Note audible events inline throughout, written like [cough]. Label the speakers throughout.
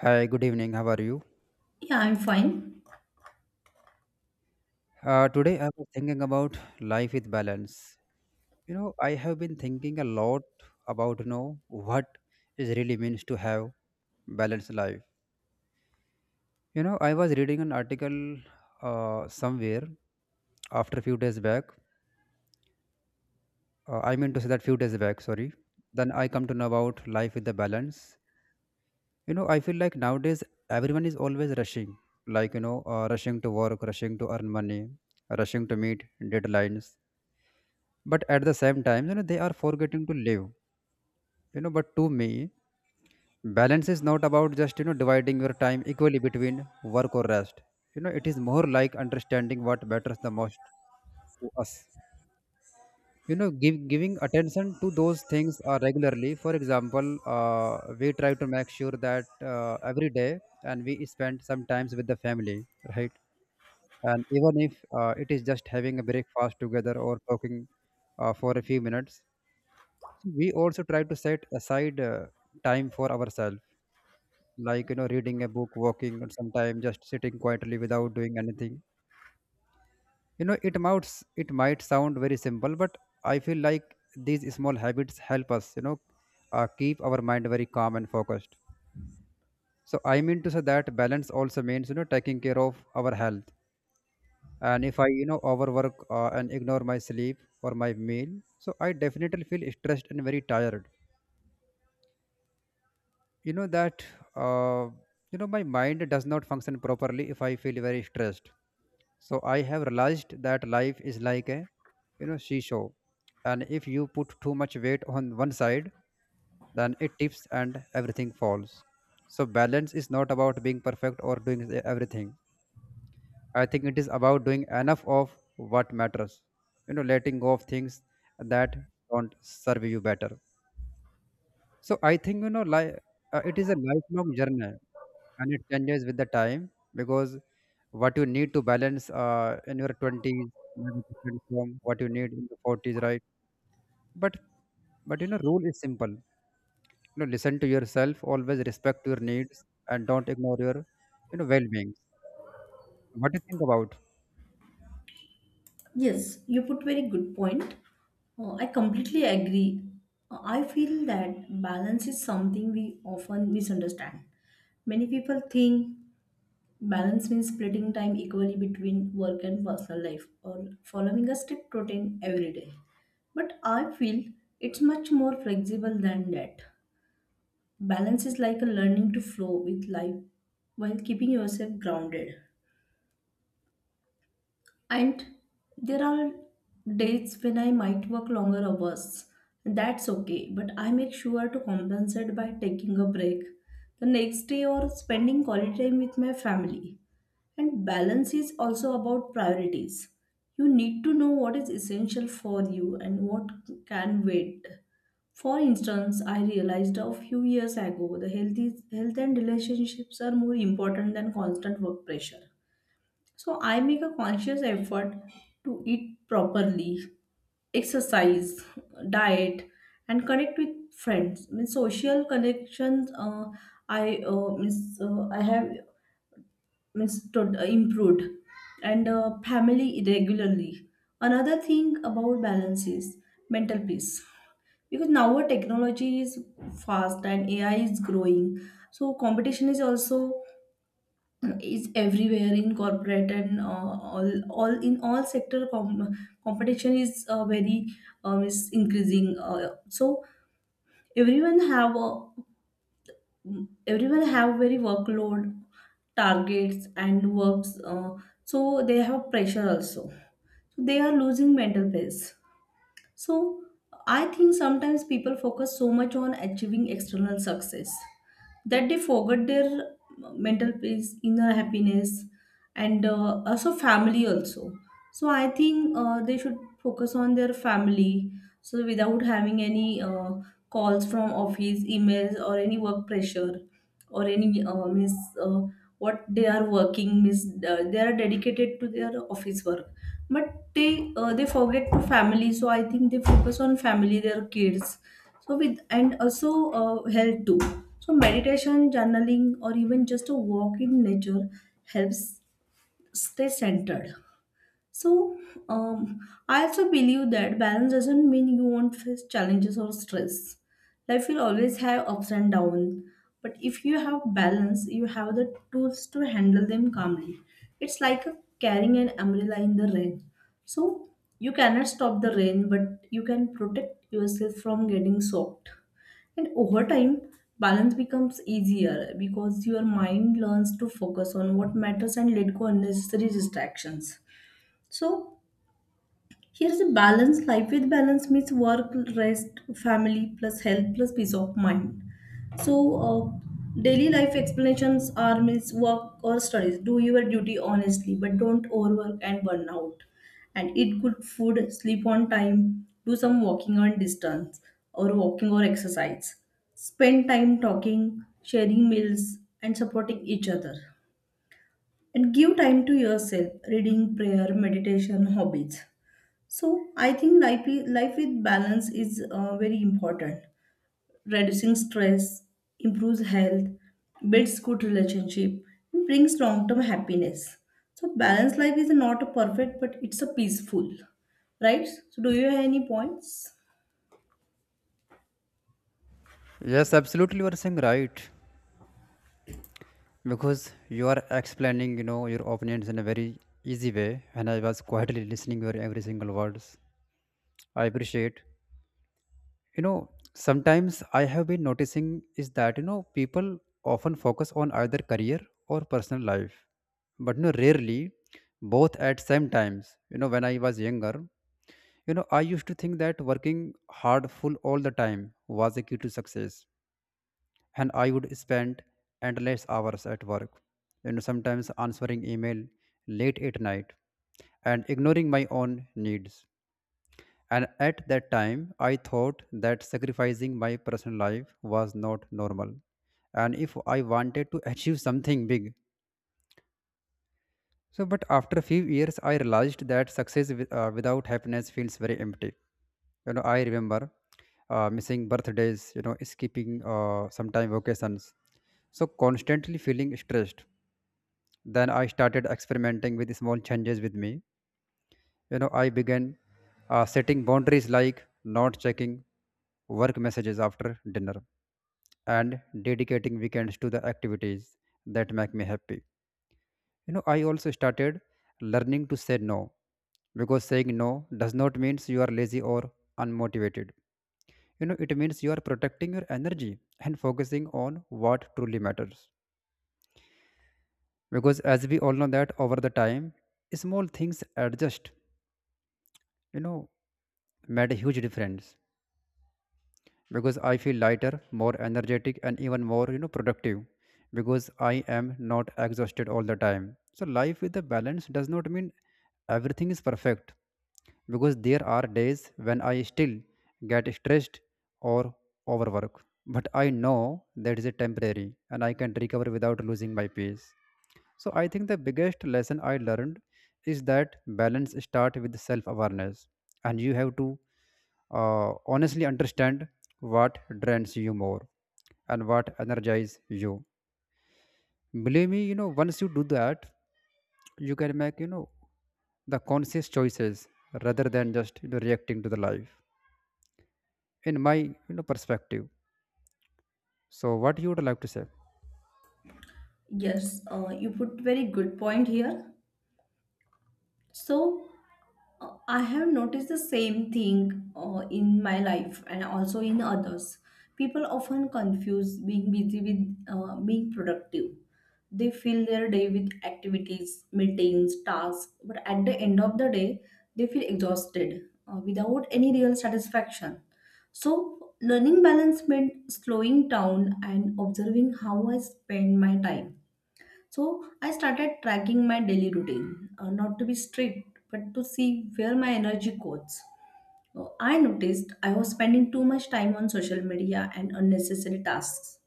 Speaker 1: Hi, good evening. How are you?
Speaker 2: Yeah, I'm fine.
Speaker 1: Today I was thinking about life with balance. You know, I have been thinking a lot about what it really means to have balanced life. You know, I was reading an article somewhere after a few days back. I mean to say that few days back, sorry. Then I come to know about life with the balance. You know, I feel like nowadays everyone is always rushing, like rushing to work, rushing to earn money, rushing to meet deadlines, but at the same time you know they are forgetting to live. But to me balance is not about just dividing your time equally between work or rest. You know, it is more like understanding what matters the most to us. Giving attention to those things regularly. For example, we try to make sure that every day and we spend some times with the family, right? And even if it is just having a breakfast together or talking for a few minutes. We also try to set aside time for ourselves, like you know reading a book, walking, or sometime just sitting quietly without doing anything. You know, it might sound very simple, but I feel like these small habits help us keep our mind very calm and focused. So I mean to say that balance also means you know taking care of our health. And if I you know overwork and ignore my sleep or my meal, so I definitely feel stressed and very tired. you know that uh, you know, my mind does not function properly if I feel very stressed. So I have realized that life is like a, you know, seesaw. And if you put too much weight on one side, then it tips and everything falls. So balance is not about being perfect or doing everything. I think it is about doing enough of what matters, you know, letting go of things that don't serve you better. So I think it is a lifelong journey, and it changes with the time, because what you need to balance in your 20s may be different from what you need in the 40s, right? But but you know rule is simple. You know, listen to yourself, always respect your needs, and don't ignore your, you know, well-being. What do you think about?
Speaker 2: Yes, you put very good point. I completely agree. I feel that balance is something we often misunderstand. Many people think balance means splitting time equally between work and personal life or following a strict routine every day. But I feel it's much more flexible than that. Balance is like a learning to flow with life while keeping yourself grounded. And there are days when I might work longer hours. That's okay, but I make sure to compensate by taking a break the next day or spending quality time with my family. And balance is also about priorities. You need to know what is essential for you and what can wait. For instance, I realized a few years ago health and relationships are more important than constant work pressure. So I make a conscious effort to eat properly, exercise, diet, and connect with friends. Means social connections. I means I have means to improved, and family regularly. Another thing about balance is mental peace, because now our technology is fast and AI is growing, so competition is also is everywhere in corporate and all in all sector, competition is very, is increasing, so everyone have a everyone have very workload, targets, and works, so they have pressure also, so they are losing mental peace. So I think sometimes people focus so much on achieving external success that they forget their mental peace, inner happiness, and also family also. So I think, they should focus on their family, so without having any calls from office, emails, or any work pressure, or any means, uh, what they are working, means, they are dedicated to their office work, but they forget to family. So I think they focus on family, their kids, so with, and also health too. So meditation, journaling, or even just a walk in nature helps stay centered. So, um, I also believe that balance doesn't mean you won't face challenges or stress. Life will always have ups and downs, but if you have balance, you have the tools to handle them calmly. It's like carrying an umbrella in the rain. So, you cannot stop the rain, but you can protect yourself from getting soaked. And over time, balance becomes easier because your mind learns to focus on what matters and let go unnecessary distractions. So here's a balance. Life with balance means work, rest, family, plus health, plus peace of mind. So daily life explanations are means work or studies. Do your duty honestly, but don't overwork and burn out. And eat good food, sleep on time, do some walking on distance or walking or exercise. Spend time talking, sharing meals, and supporting each other. And give time to yourself, reading, prayer, meditation, hobbies. So I think life, life with balance is very important. Reducing stress, improves health, builds good relationship, and brings long-term happiness. So balanced life is not a perfect, but it's a peaceful, right? So do you have any points?
Speaker 1: Yes, absolutely, you are saying right. Because you are explaining, you know, your opinions in a very easy way, and I was quietly listening your every single words. I appreciate. You know, sometimes I have been noticing is that you know people often focus on either career or personal life, but you know rarely both at same times. You know, when I was younger, you know, I used to think that working hard full all the time was the key to success. And I would spend endless hours at work, you know, sometimes answering email late at night, and ignoring my own needs. And at that time, I thought that sacrificing my personal life was not normal. And if I wanted to [laughs] achieve something big, so but after a few years, I realized that success with, without happiness feels very empty. You know, I remember missing birthdays, you know, skipping sometime vacations, so constantly feeling stressed. Then I started experimenting with small changes with me. You know, I began setting boundaries, like not checking work messages after dinner, and dedicating weekends to the activities that make me happy. You know, I also started learning to say no, because saying no does not mean you are lazy or unmotivated. You know, it means you are protecting your energy and focusing on what truly matters. Because as we all know that over the time small things adjust, you know, made a huge difference, because I feel lighter, more energetic, and even more, you know, productive, because I am not exhausted all the time. So life with a balance does not mean everything is perfect, because there are days when I still get stressed or overwork. But I know that is a temporary, and I can recover without losing my peace. So I think the biggest lesson I learned is that balance starts with self awareness, and you have to honestly understand what drains you more and what energizes you. Believe me, you know, once you do that, you can make, you know, the conscious choices rather than just, you know, reacting to the life, in my, you know, perspective. So what you would like to say?
Speaker 2: Yes, you put very good point here. So I have noticed the same thing in my life and also in others. People often confuse being busy with, being productive. They fill their day with activities, meetings, tasks, but at the end of the day, they feel exhausted, without any real satisfaction. So, learning balance meant slowing down and observing how I spend my time. So I started tracking my daily routine, not to be strict, but to see where my energy goes. I noticed I was spending too much time on social media and unnecessary tasks,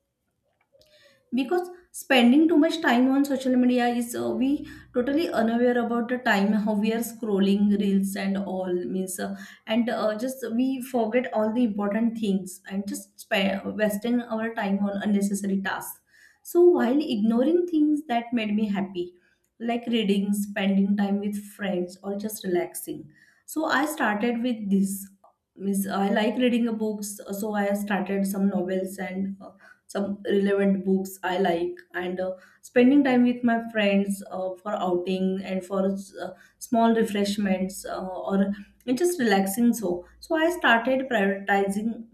Speaker 2: because spending too much time on social media is, we totally unaware about the time how we are scrolling reels and all, means, and just we forget all the important things and just spend wasting our time on unnecessary tasks, so while ignoring things that made me happy, like reading, spending time with friends, or just relaxing. So I started with this. Means I like reading books, so I started some novels and some relevant books I like, and spending time with my friends, for outing and for small refreshments, or just relaxing. So, I started prioritizing.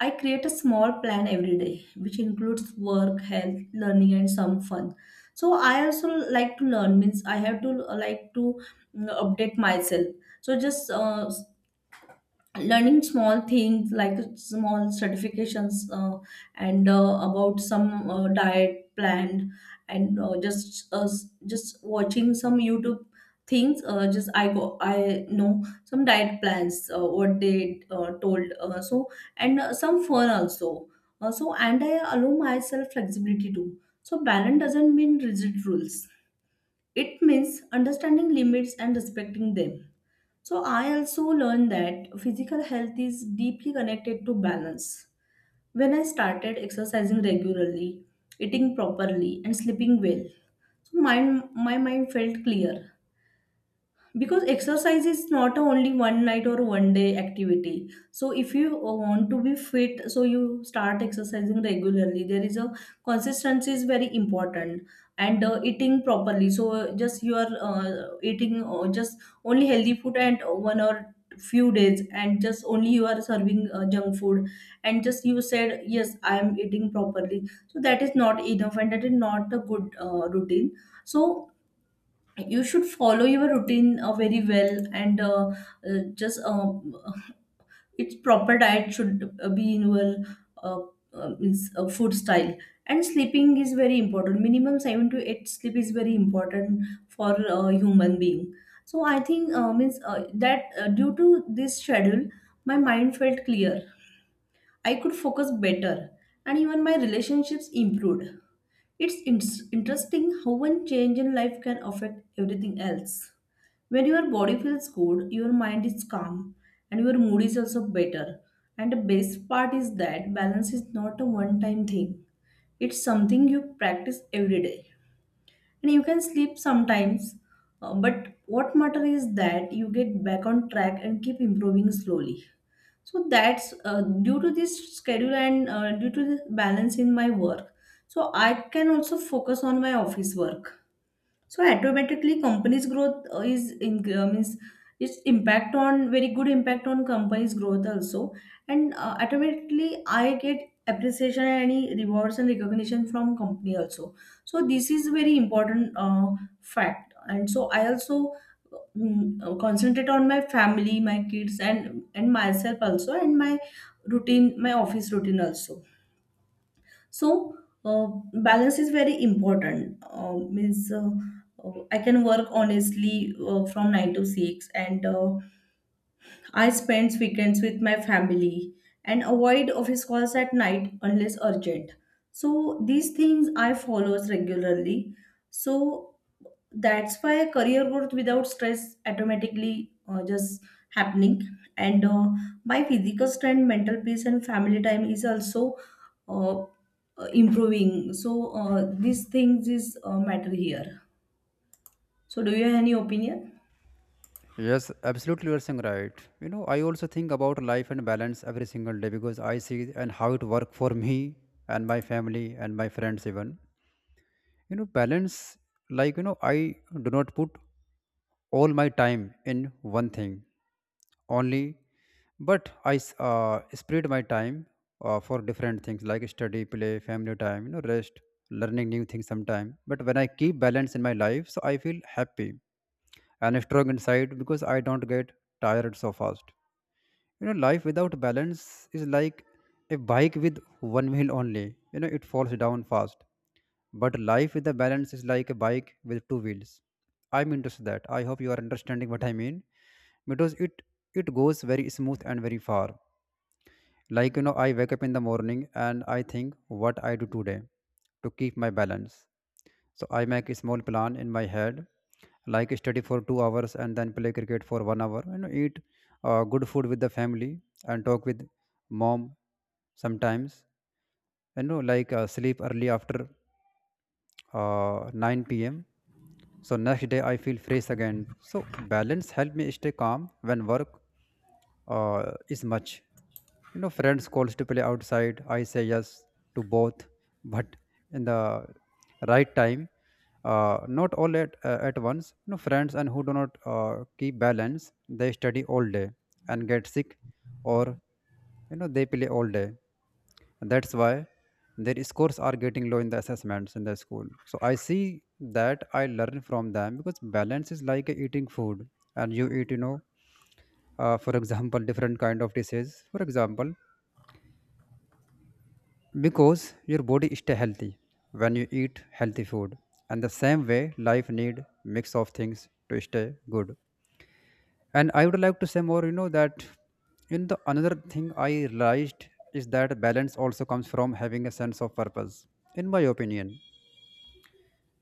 Speaker 2: I create a small plan every day, which includes work, health, learning, and some fun. So I also like to learn, means I have to, like to, update myself. So just learning small things like small certifications, and about some diet plan, and just just watching some youtube things, just I know some diet plans, what they told, so, and some fun also, so, and I allow myself flexibility too. So balance doesn't mean rigid rules, it means understanding limits and respecting them. So I also learned that physical health is deeply connected to balance. When I started exercising regularly, eating properly, and sleeping well, so my mind felt clear, because exercise is not a only one night or one day activity. So if you want to be fit, so you start exercising regularly, there is a consistency is very important. And eating properly, so just you are eating, just only healthy food, and one or few days and just only you are serving junk food, and just you said yes I am eating properly, so that is not enough and that is not a good routine. So you should follow your routine very well, and just, its proper diet should be in your uh, means, food style. And sleeping is very important, minimum 7 to 8 sleep is very important for a human being. So I think, means, that due to this schedule my mind felt clear. I could focus better and even my relationships improved. It's interesting how one change in life can affect everything else. When your body feels good, your mind is calm and your mood is also better. And the best part is that balance is not a one time thing, it's something you practice every day. And you can sleep sometimes, but what matter is that you get back on track and keep improving slowly. So that's due to this schedule and due to the balance in my work. So I can also focus on my office work, so automatically, companies' growth is in, means, its impact on, very good impact on companies' growth also, and automatically I get appreciation and any rewards and recognition from company also. So this is very important fact, and so I also, concentrate on my family, my kids, and myself also, and my routine, my office routine also. So uh, balance is very important, means, I can work honestly from 9 to 6, and I spend weekends with my family and avoid office calls at night unless urgent. So these things I follow regularly. So that's why career growth without stress automatically, just happening. And my physical strength, mental peace and family time is also uh, improving. So these things is matter here. So do you have any opinion?
Speaker 1: Yes, absolutely, you're saying right. You know, I also think about life and balance every single day, because I see and how it worked for me and my family and my friends even. You know, balance, like you know, I do not put all my time in one thing only, but I spread my time for different things, like study, play, family time, you know, rest, learning new things sometime. But when I keep balance in my life, so I feel happy and strong inside, because I don't get tired so fast. You know, life without balance is like a bike with one wheel only. You know, it falls down fast. But life with a balance is like a bike with two wheels. I'm into that. I hope you are understanding what I mean, because it goes very smooth and very far. Like you know, I wake up in the morning and I think what I do today to keep my balance. So I make a small plan in my head, like study for 2 hours and then play cricket for 1 hour. You know, eat good food with the family and talk with mom sometimes. You know, like sleep early after 9 p.m. So next day I feel fresh again. So balance help me stay calm when work is much. You know, friends calls to play outside. I say yes to both, [laughs] but in the right time, not all at once. You know, friends and who do not keep balance, they study all day and get sick, or you know they play all day, that's why their scores are getting low in the assessments in the school. So I see that I learn from them, because balance is like eating food, and you eat, you know, for example different kind of dishes for example, because your body stay healthy when you eat healthy food. And the same way life need mix of things to stay good. And I would like to say more, you know, that in the another thing I realized is that balance also comes from having a sense of purpose, in my opinion.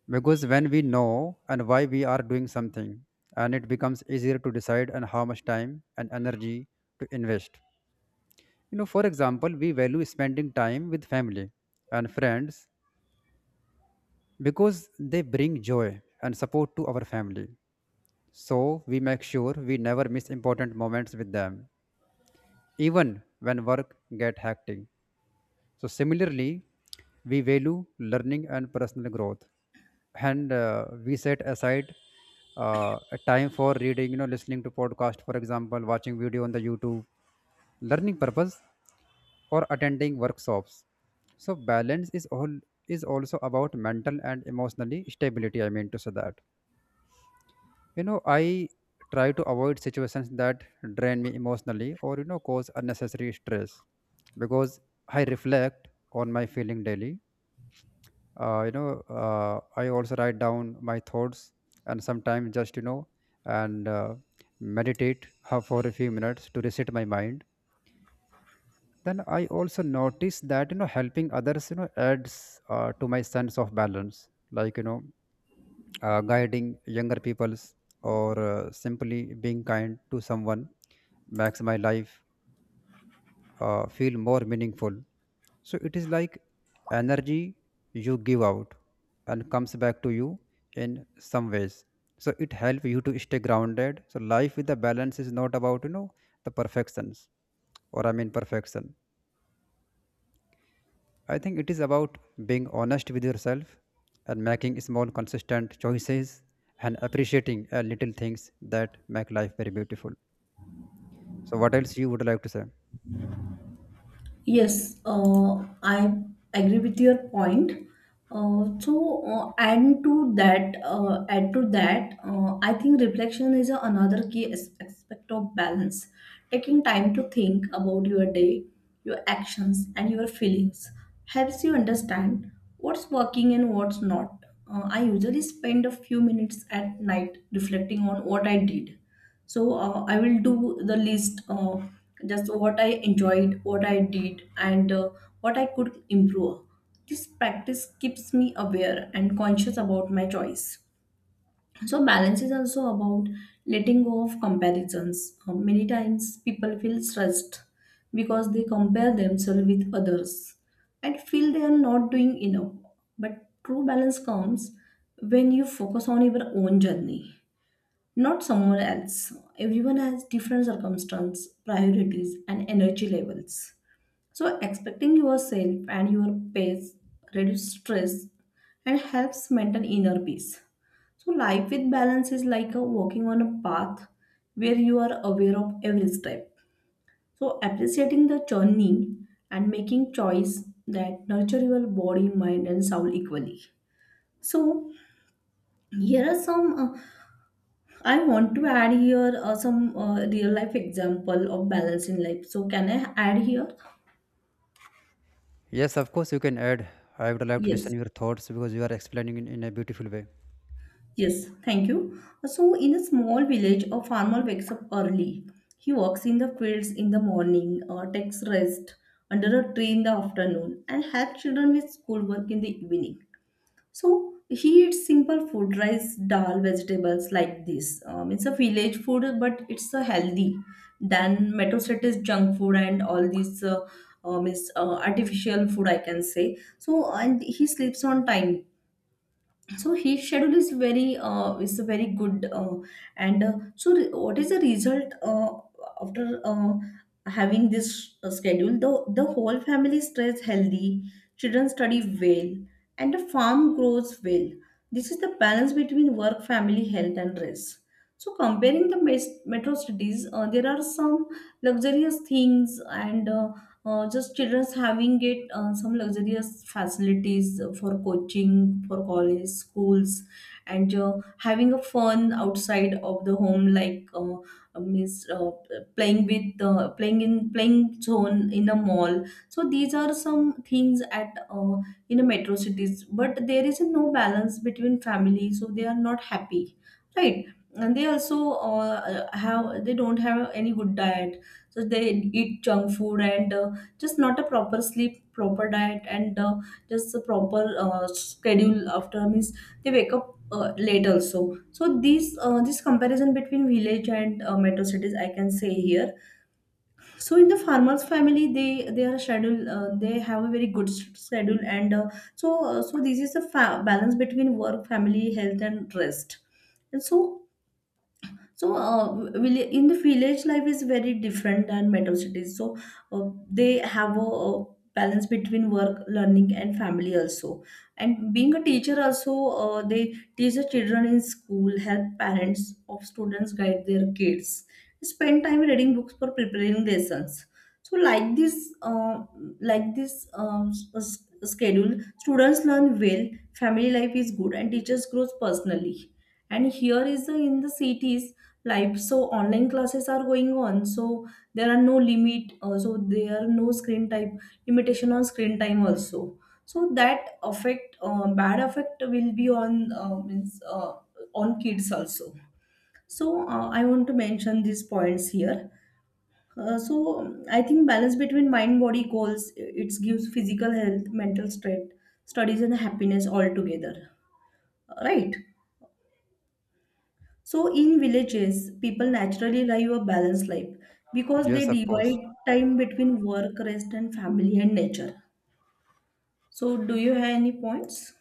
Speaker 1: Because when we know and why we are doing something, and it becomes easier to decide and how much time and energy to invest. You know, for example, we value spending time with family and friends, because they bring joy and support to our family. So we make sure we never miss important moments with them, even when work get hectic. So similarly, we value learning and personal growth, and we set aside a time for reading, you know, listening to podcast, for example, watching video on the YouTube, learning purpose, or attending workshops. So balance is all is also about mental and emotionally stability. I mean to say that you know I try to avoid situations that drain me emotionally or you know cause unnecessary stress, because I reflect on my feeling daily. I also write down my thoughts, and sometimes just you know and meditate for a few minutes to reset my mind. Then I also notice that you know helping others you know adds to my sense of balance, like you know guiding younger peoples or simply being kind to someone makes my life feel more meaningful. So it is like energy you give out and comes back to you in some ways. So it helps you to stay grounded. So life with the balance is not about, you know, the perfections, or I mean perfection. I think it is about being honest with yourself and making small consistent choices and appreciating little things that make life very beautiful. So what else you would like to say?
Speaker 2: Yes, I agree with your point. And to that, add to that, I think reflection is another key aspect of balance. Taking time to think about your day, your actions, and your feelings helps you understand what's working and what's not. I usually spend a few minutes at night reflecting on what I did, so I will do the list of just what I enjoyed, what I did, and what I could improve. This practice keeps me aware and conscious about my choice. So balance is also about letting go of comparisons. Many times people feel stressed because they compare themselves with others and feel they are not doing enough. But true balance comes when you focus on your own journey, not someone else. Everyone has different circumstances, priorities, and energy levels. So, expecting yourself and your pace reduces stress and helps maintain inner peace. So, life with balance is like a walking on a path where you are aware of every step. So, appreciating the journey and making choice that nurture your body, mind, and soul equally. So, here are some, I want to add here some real life example of balance in life. So can I add here?
Speaker 1: Yes, of course, you can add. I would like to listen
Speaker 2: Yes.
Speaker 1: your thoughts, because you are explaining in a beautiful way.
Speaker 2: Yes. Thank you. So in a small village, a farmer wakes up early. He walks in the fields in the morning, takes rest under a tree in the afternoon, and helps children with schoolwork in the evening. So he eats simple food, rice, dal, vegetables like this. It's a village food, but it's a healthy than metro cities junk food and all these artificial food, I can say. So and he sleeps on time, so his schedule is very good, and so what is the result after having this schedule. The whole family stays healthy, children study well, and the farm grows well. This is the balance between work, family, health, and rest. So comparing the metro cities, there are some luxurious things, and just children's having it, some luxurious facilities for coaching, for college, schools, and having a fun outside of the home, like means playing with playing in, playing zone in a mall. So these are some things at in a metro cities, but there is no balance between family, so they are not happy, right. And they also have they don't have any good diet, so they eat junk food and just not a proper sleep, proper diet, and just a proper schedule after means they wake up late also. So these this comparison between village and metro cities I can say here. So in the farmers family, they are schedule, they have a very good schedule, and so this is a balance between work, family, health, and rest. And so, in the village, life is very different than metro cities. So, they have a balance between work, learning, and family also. And being a teacher also, they teach the children in school, help parents of students guide their kids, spend time reading books for preparing lessons. So, like this, schedule, students learn well, family life is good, and teachers grows personally. And here is the in the cities life, so online classes are going on, so there are no limit, so there are no screen time, limitation on screen time also. So that affect, bad effect will be on means on kids also. So I want to mention these points here. So I think balance between mind, body, goals, it gives physical health, mental strength, studies, and happiness all together, right. So, in villages, people naturally live a balanced life because
Speaker 1: Yes,
Speaker 2: they
Speaker 1: of course.
Speaker 2: divide time between work, rest, and family and nature. So, do you have any points?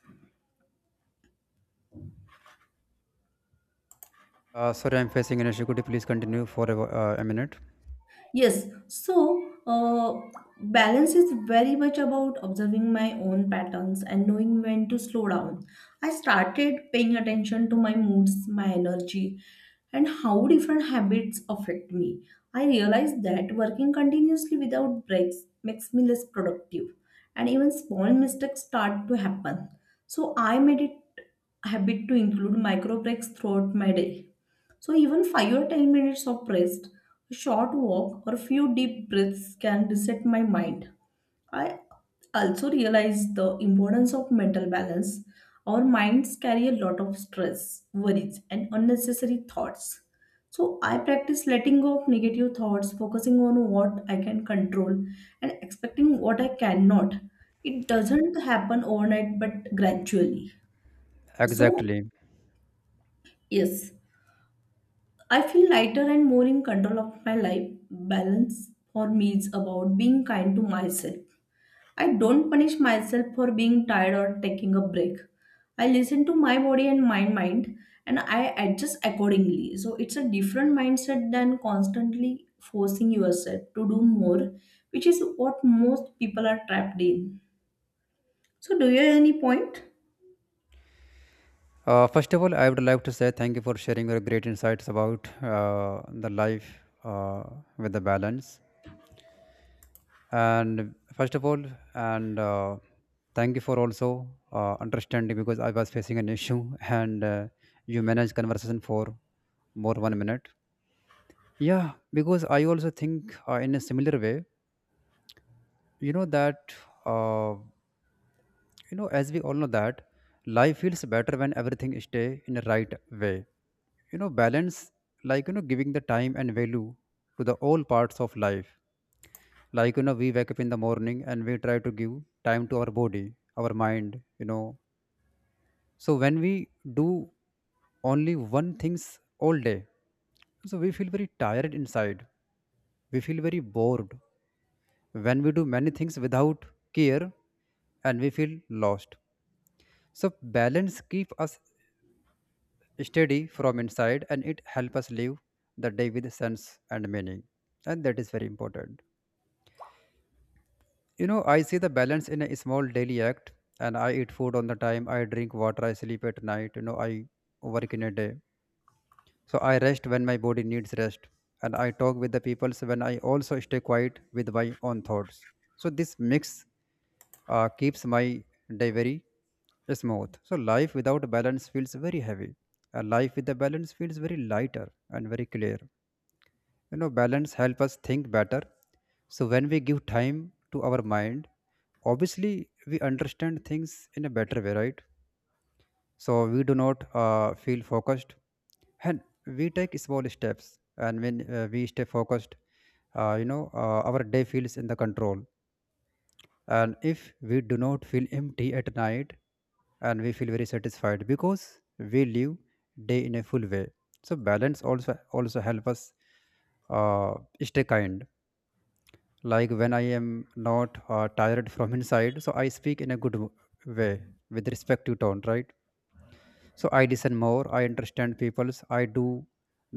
Speaker 1: Sorry, I'm facing an issue. Could you please continue for a minute?
Speaker 2: Yes, so balance is very much about observing my own patterns and knowing when to slow down. I started paying attention to my moods, my energy, and how different habits affect me. I realized that working continuously without breaks makes me less productive, and even small mistakes start to happen. So I made it a habit to include micro breaks throughout my day. So even 5 or 10 minutes of rest, a short walk or a few deep breaths can reset my mind. I also realize the importance of mental balance. Our minds carry a lot of stress, worries and unnecessary thoughts. So I practice letting go of negative thoughts, focusing on what I can control and expecting what I cannot. It doesn't happen overnight but gradually. So
Speaker 1: Exactly.
Speaker 2: yes, I feel lighter and more in control of my life. Balance for me is about being kind to myself. I don't punish myself for being tired or taking a break. I listen to my body and my mind and I adjust accordingly. So it's a different mindset than constantly forcing yourself to do more, which is what most people are trapped in. So, do you have any point?
Speaker 1: First of all, I would like to say thank you for sharing your great insights about the life, with the balance. And first of all, and Thank you for also understanding because I was facing an issue [laughs] and you managed conversation for more 1 minute. Yeah, because I also think, in a similar way, you know that uh, you know as we all know that life feels better when everything stay in the right way. You know, balance, like you know, giving the time and value to the all parts of life. Like you know, we wake up in the morning and we try to give time to our body, our mind. You know, so when we do only one things all day, so we feel very tired inside. We feel very bored when we do many things without care, and we feel lost. So balance keeps us steady from inside and it helps us live the day with sense and meaning, and that is very important. You know, I see the balance in a small daily act, and I eat food on the time, I drink water, I sleep at night, you know, I work in a day, so I rest when my body needs rest, and I talk with the people when I also stay quiet with my own thoughts. So this mix keeps my day very smooth. So life without balance feels very heavy. A life with the balance feels very lighter and very clear. You know, balance help us think better. So when we give time to our mind, obviously we understand things in a better way, right? So we do not feel focused, and we take small steps. And when we stay focused, our day feels in the control, and if we do not feel empty at night, and we feel very satisfied because we live day in a full way. So balance also help us uh, stay kind. Like when I am not tired [laughs] from inside, so I speak in a way, with respective tone, right? So I listen more, I understand people's, I do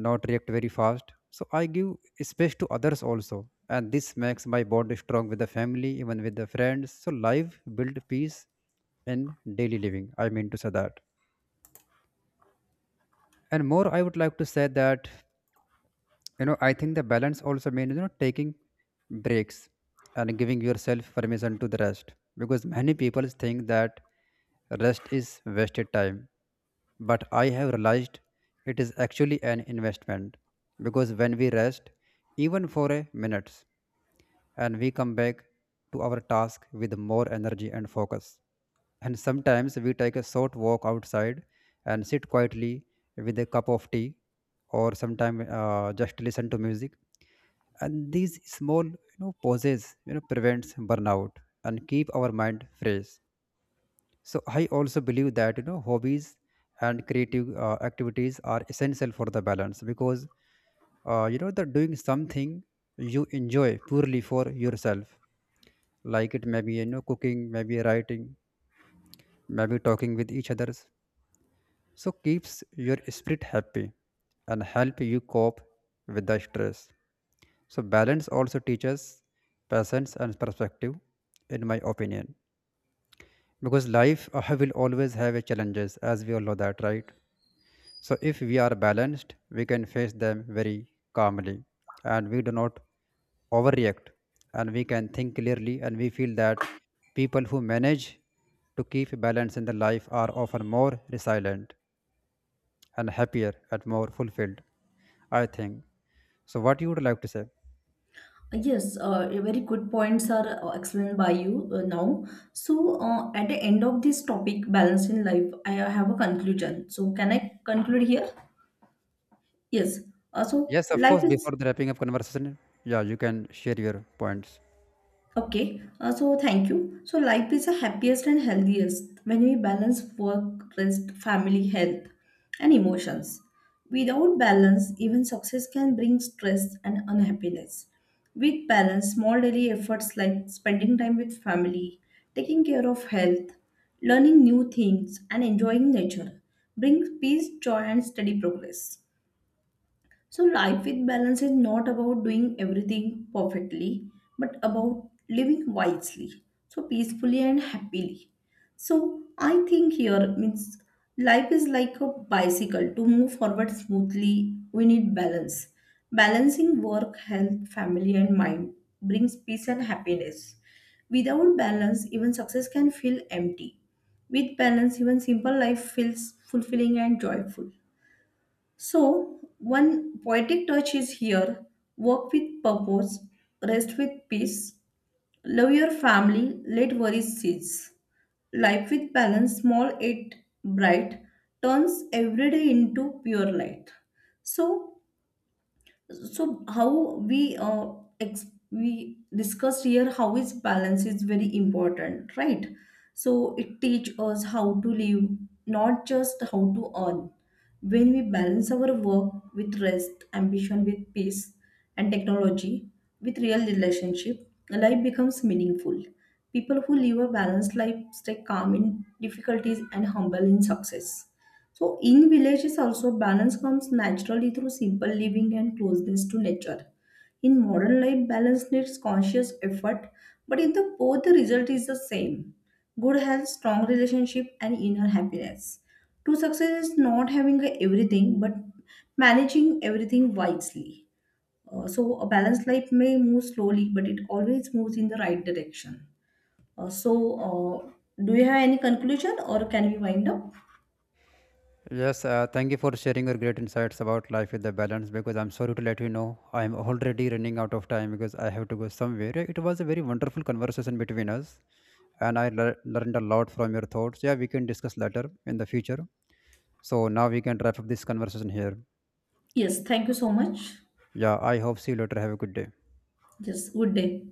Speaker 1: not react very fast, so I give space to others also, and this makes my bond strong with the family, even with the friends. So life build peace in daily living, I mean to say that. And more I would like to say that, you know, I think the balance also means, you know, taking breaks and giving yourself permission to the rest, because many people think that rest is wasted time, but I have realized it is actually an investment. Because when we rest, even for a minute, and we come back to our task with more energy and focus. And sometimes we take a short walk outside and sit quietly with a cup of tea, or sometimes just listen to music. And these small, you know, pauses, you know, prevents burnout and keep our mind fresh. So I also believe that, you know, hobbies and creative activities are essential for the balance, because you know that doing something you enjoy purely for yourself, like it maybe, you know, cooking, maybe writing, maybe talking with each others, so keeps your spirit happy and help you cope with the stress. So balance also teaches patience and perspective, in my opinion, because life will always have a challenges, as we all know that, right? So if we are balanced, we can face them very calmly, and we do not overreact, and we can think clearly, and we feel that people who manage to keep balance in their life are often more resilient and happier and more fulfilled, I think. So what you would like to say?
Speaker 2: Yes, very good points are explained by you now. So, at the end of this topic, balance in life, I have a conclusion. So, can I conclude here? Yes. So,
Speaker 1: Yes, of
Speaker 2: life
Speaker 1: course,
Speaker 2: is.
Speaker 1: before the wrapping up conversation, yeah, you can share your points.
Speaker 2: Okay, so thank you. So life is the happiest and healthiest when we balance work, rest, family, health, and emotions. Without balance, even success can bring stress and unhappiness. With balance, small daily efforts like spending time with family, taking care of health, learning new things, and enjoying nature bring peace, joy, and steady progress. So, life with balance is not about doing everything perfectly, but about living wisely, so peacefully and happily. So, I think here means life is like a bicycle. To move forward smoothly, we need balance. Balancing work, health, family, and mind brings peace and happiness. Without balance, even success can feel empty. With balance, even simple life feels fulfilling and joyful. So, one poetic touch is here: work with purpose, rest with peace, love your family, let worries cease. Life with balance, small yet bright, turns every day into pure light. So, so how we uh, we discussed here how is balance is very important, right. So it teach us how to live, not just how to earn. When we balance our work with rest, ambition with peace, and technology with real relationship, life becomes meaningful. People who live a balanced life stay calm in difficulties and humble in success. So, in villages, also balance comes naturally through simple living and closeness to nature. In modern life, balance needs conscious effort, but in the both, the result is the same: good health, strong relationship, and inner happiness. True success is not having everything, but managing everything wisely. So, a balanced life may move slowly, but it always moves in the right direction. So, do you have any conclusion or can we wind up?
Speaker 1: Yes, thank you for sharing your great insights about life with the balance, because I'm sorry to let you know I'm already running out of time because I have to go somewhere. It was a very wonderful conversation between us and I learned a lot from your thoughts. Yeah, we can discuss later in the future. So now we can wrap up this conversation here.
Speaker 2: Yes, thank you so much.
Speaker 1: Yeah, I hope see you later. Have a good day.
Speaker 2: Yes, good day.